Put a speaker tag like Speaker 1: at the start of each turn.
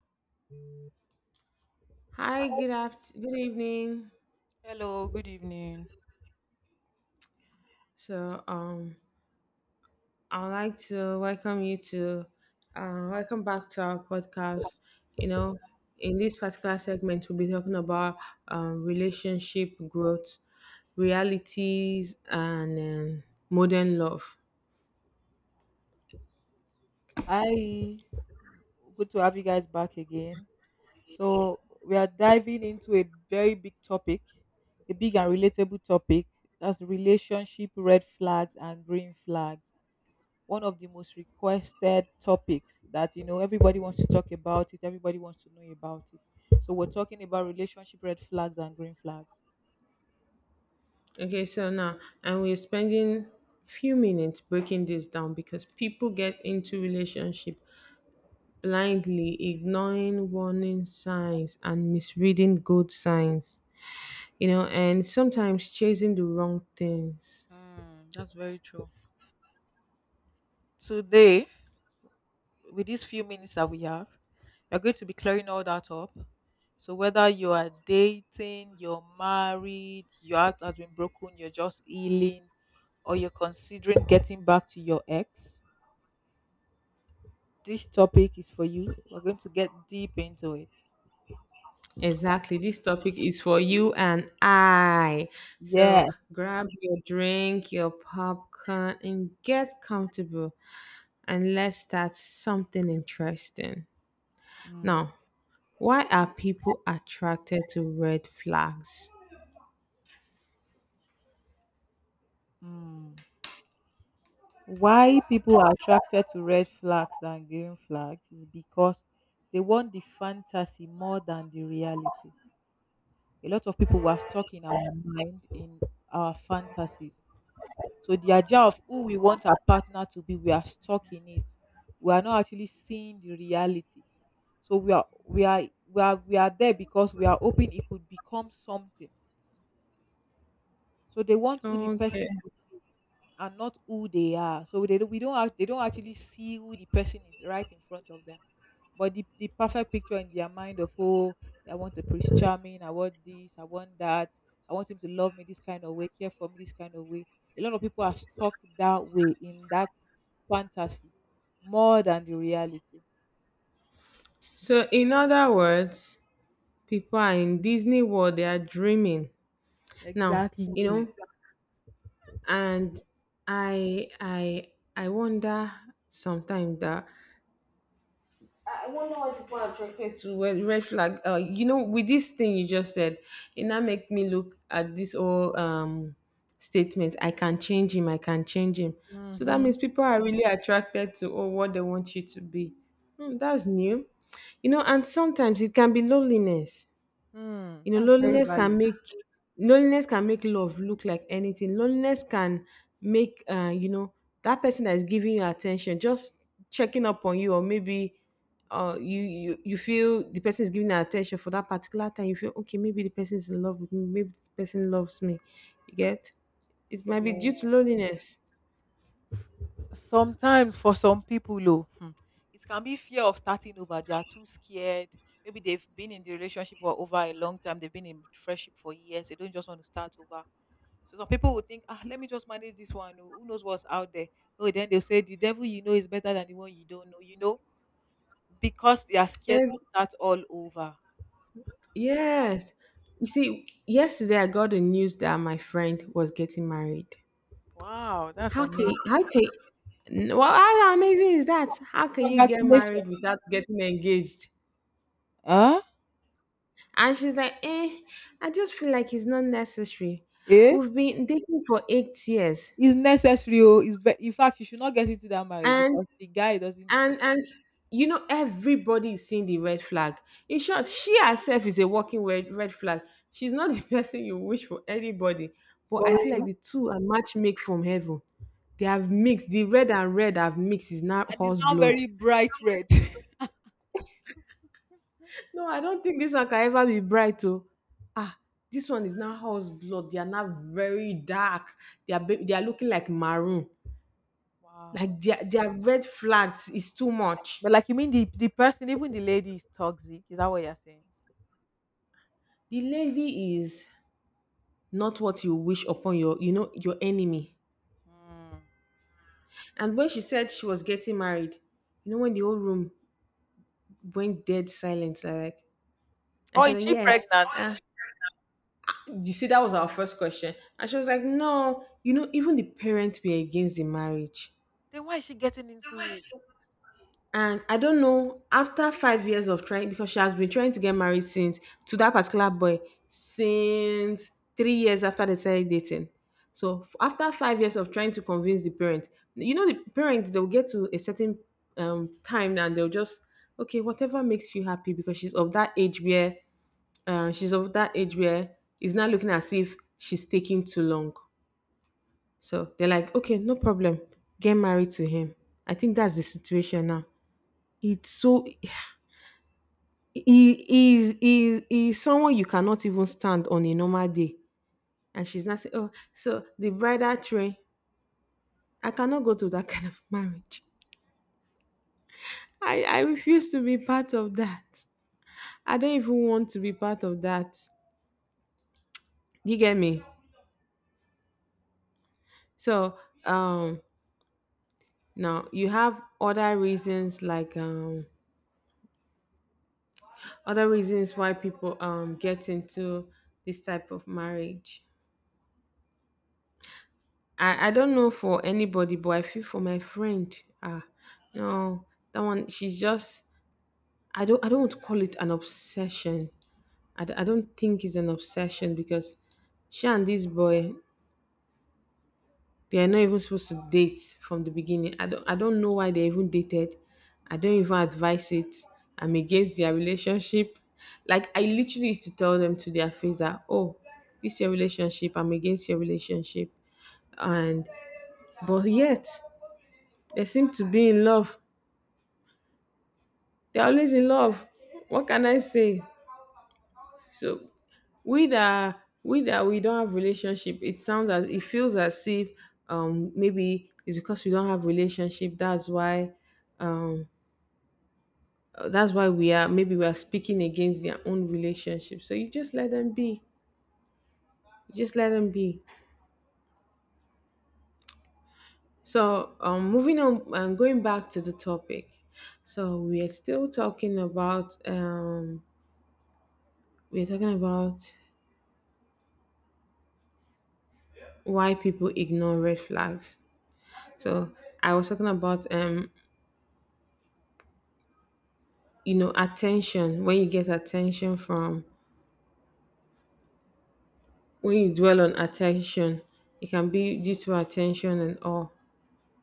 Speaker 1: Hi, good evening.
Speaker 2: Hello, good evening.
Speaker 1: So, um, I would like to welcome you to, welcome back to our podcast. You know, in this particular segment, we'll be talking about relationship growth, realities, and modern love.
Speaker 2: Hi, good to have you guys back again. So, we are diving into a very big topic, a big and relatable topic that's relationship red flags and green flags. One of the most requested topics that everybody wants to talk about it, everybody wants to know about it. So, we're talking about relationship red flags and green flags.
Speaker 1: Okay, so now, and we're spending few minutes breaking this down because people get into relationship blindly ignoring warning signs and misreading good signs, you know, and sometimes chasing the wrong things.
Speaker 2: Mm, that's very true. Today, with these few minutes that we have, we're going to be clearing all that up. So whether you are dating, you're married, your heart has been broken, you're just healing, or you're considering getting back to your ex, this topic is for you. We're going to get deep into it.
Speaker 1: Exactly. This topic is for you and I. So
Speaker 2: Yes.
Speaker 1: grab your drink, your popcorn, and get comfortable. And let's start something interesting.
Speaker 2: Mm,
Speaker 1: Now, why are people attracted to red flags?
Speaker 2: mm. Why people are attracted to red flags than green flags is because they want the fantasy more than the reality. A lot of people were stuck in our mind in our fantasies. So the idea of who we want our partner to be, we are stuck in it. We are not actually seeing the reality. So we are there because we are hoping it could become something. So they want who the
Speaker 1: Okay.
Speaker 2: person could be are not who they are. So they don't, we don't act, they don't actually see who the person is right in front of them. But the perfect picture in their mind of oh, I want a prince charming, I want this, I want that, I want him to love me this kind of way, care for me this kind of way. A lot of people are stuck that way in that fantasy more than the reality.
Speaker 1: So, in other words, people are in Disney World, they are dreaming. Now, you know,
Speaker 2: Exactly.
Speaker 1: and i i I wonder sometimes that I wonder why people are attracted to red flag, you know, with this thing you just said, it now make me look at this whole statement, I can change him, I can change him. So that
Speaker 2: Mm-hmm.
Speaker 1: means people are really attracted to, oh, what they want you to be. Hmm, that's new. You know, and sometimes it can be loneliness.
Speaker 2: Mm,
Speaker 1: You know,
Speaker 2: that's very valid.
Speaker 1: loneliness can make love look like anything. Loneliness can make, you know, that person that is giving you attention, just checking up on you, or maybe you, you feel the person is giving you attention for that particular time. You feel okay, maybe the person is in love with me, maybe this person loves me. You get? It might be due to loneliness.
Speaker 2: Sometimes for some people oh, it can be fear of starting over. They are too scared. Maybe they've been in the relationship for over a long time. They've been in friendship for years. They don't just want to start over. So some people would think, ah, let me just manage this one. Oh, who knows what's out there? Oh, then they'll say the devil you know is better than the one you don't know because they are scared
Speaker 1: Yes,
Speaker 2: to start all over.
Speaker 1: yes. You see, yesterday I got the news that my friend was getting married.
Speaker 2: Wow, that's
Speaker 1: How can
Speaker 2: amazing.
Speaker 1: you, how can well, how amazing is that? How can you get
Speaker 2: Congratulations.
Speaker 1: married without getting engaged?
Speaker 2: Huh.
Speaker 1: And she's like, eh, I just feel like it's not necessary.
Speaker 2: Eh?
Speaker 1: We've been dating for 8 years.
Speaker 2: It's necessary. Oh, in fact, you should not get into that marriage
Speaker 1: And
Speaker 2: because the guy doesn't.
Speaker 1: and you know, everybody is seeing the red flag. In short, she herself is a walking red flag. She's not the person you wish for anybody. But
Speaker 2: For
Speaker 1: I feel like
Speaker 2: real.
Speaker 1: the two are match make from heaven. They have mixed the red, and red have mixed is now
Speaker 2: And it's
Speaker 1: horse
Speaker 2: not
Speaker 1: blood.
Speaker 2: very bright red.
Speaker 1: No, I don't think this one can ever be bright. Oh, ah, this one is now house blood. They are now very dark. They are looking like maroon.
Speaker 2: Wow.
Speaker 1: Like their red flags is too much.
Speaker 2: But like you mean the person, even the lady is toxic. Is that what you're saying?
Speaker 1: The lady is not what you wish upon your, you know, your enemy.
Speaker 2: Mm.
Speaker 1: And when she said she was getting married, you know, when the whole room went dead silent, like, and
Speaker 2: Oh,
Speaker 1: she
Speaker 2: is
Speaker 1: was like,
Speaker 2: she
Speaker 1: yes.
Speaker 2: pregnant?
Speaker 1: Ah, you see, that was our first question. And she was like, no, you know, even the parents were against the marriage.
Speaker 2: Then why is she getting into it?
Speaker 1: And I don't know, after 5 years of trying, because she has been trying to get married since, to that particular boy, since 3 years after they started dating. So after 5 years of trying to convince the parents, you know, the parents they'll get to a certain time and they'll just, okay, whatever makes you happy, because she's of that age where, uh, she's of that age where it's not looking as if she's taking too long. So they're like, okay, no problem, get married to him. I think that's the situation now. It's so he is someone you cannot even stand on a normal day, and she's not saying, oh, so the bridal train, I cannot go to that kind of marriage. I refuse to be part of that. I don't even want to be part of that. Do you get me? So, um now you have other reasons like, other reasons why people get into this type of marriage. I don't know for anybody, but I feel for my friend. Ah, no, that one. She's just. I don't. I don't want to call it an obsession. I don't think it's an obsession because she and this boy, they are not even supposed to date from the beginning. I don't. I don't know why they even dated. I don't even advise it. I'm against their relationship. Like I literally used to tell them to their face that, oh, this your relationship, I'm against your relationship. And but yet they seem to be in love. They're always in love. What can I say? So, we don't have relationship, it feels as if, maybe it's because we don't have relationship. That's why, um that's why we are, maybe we are speaking against their own relationship. So you just let them be. You just let them be. So, moving on and going back to the topic. So we are still talking about, we're talking about why people ignore red flags. So I was talking about, you know, attention. When you dwell on attention, it can be due to attention and all.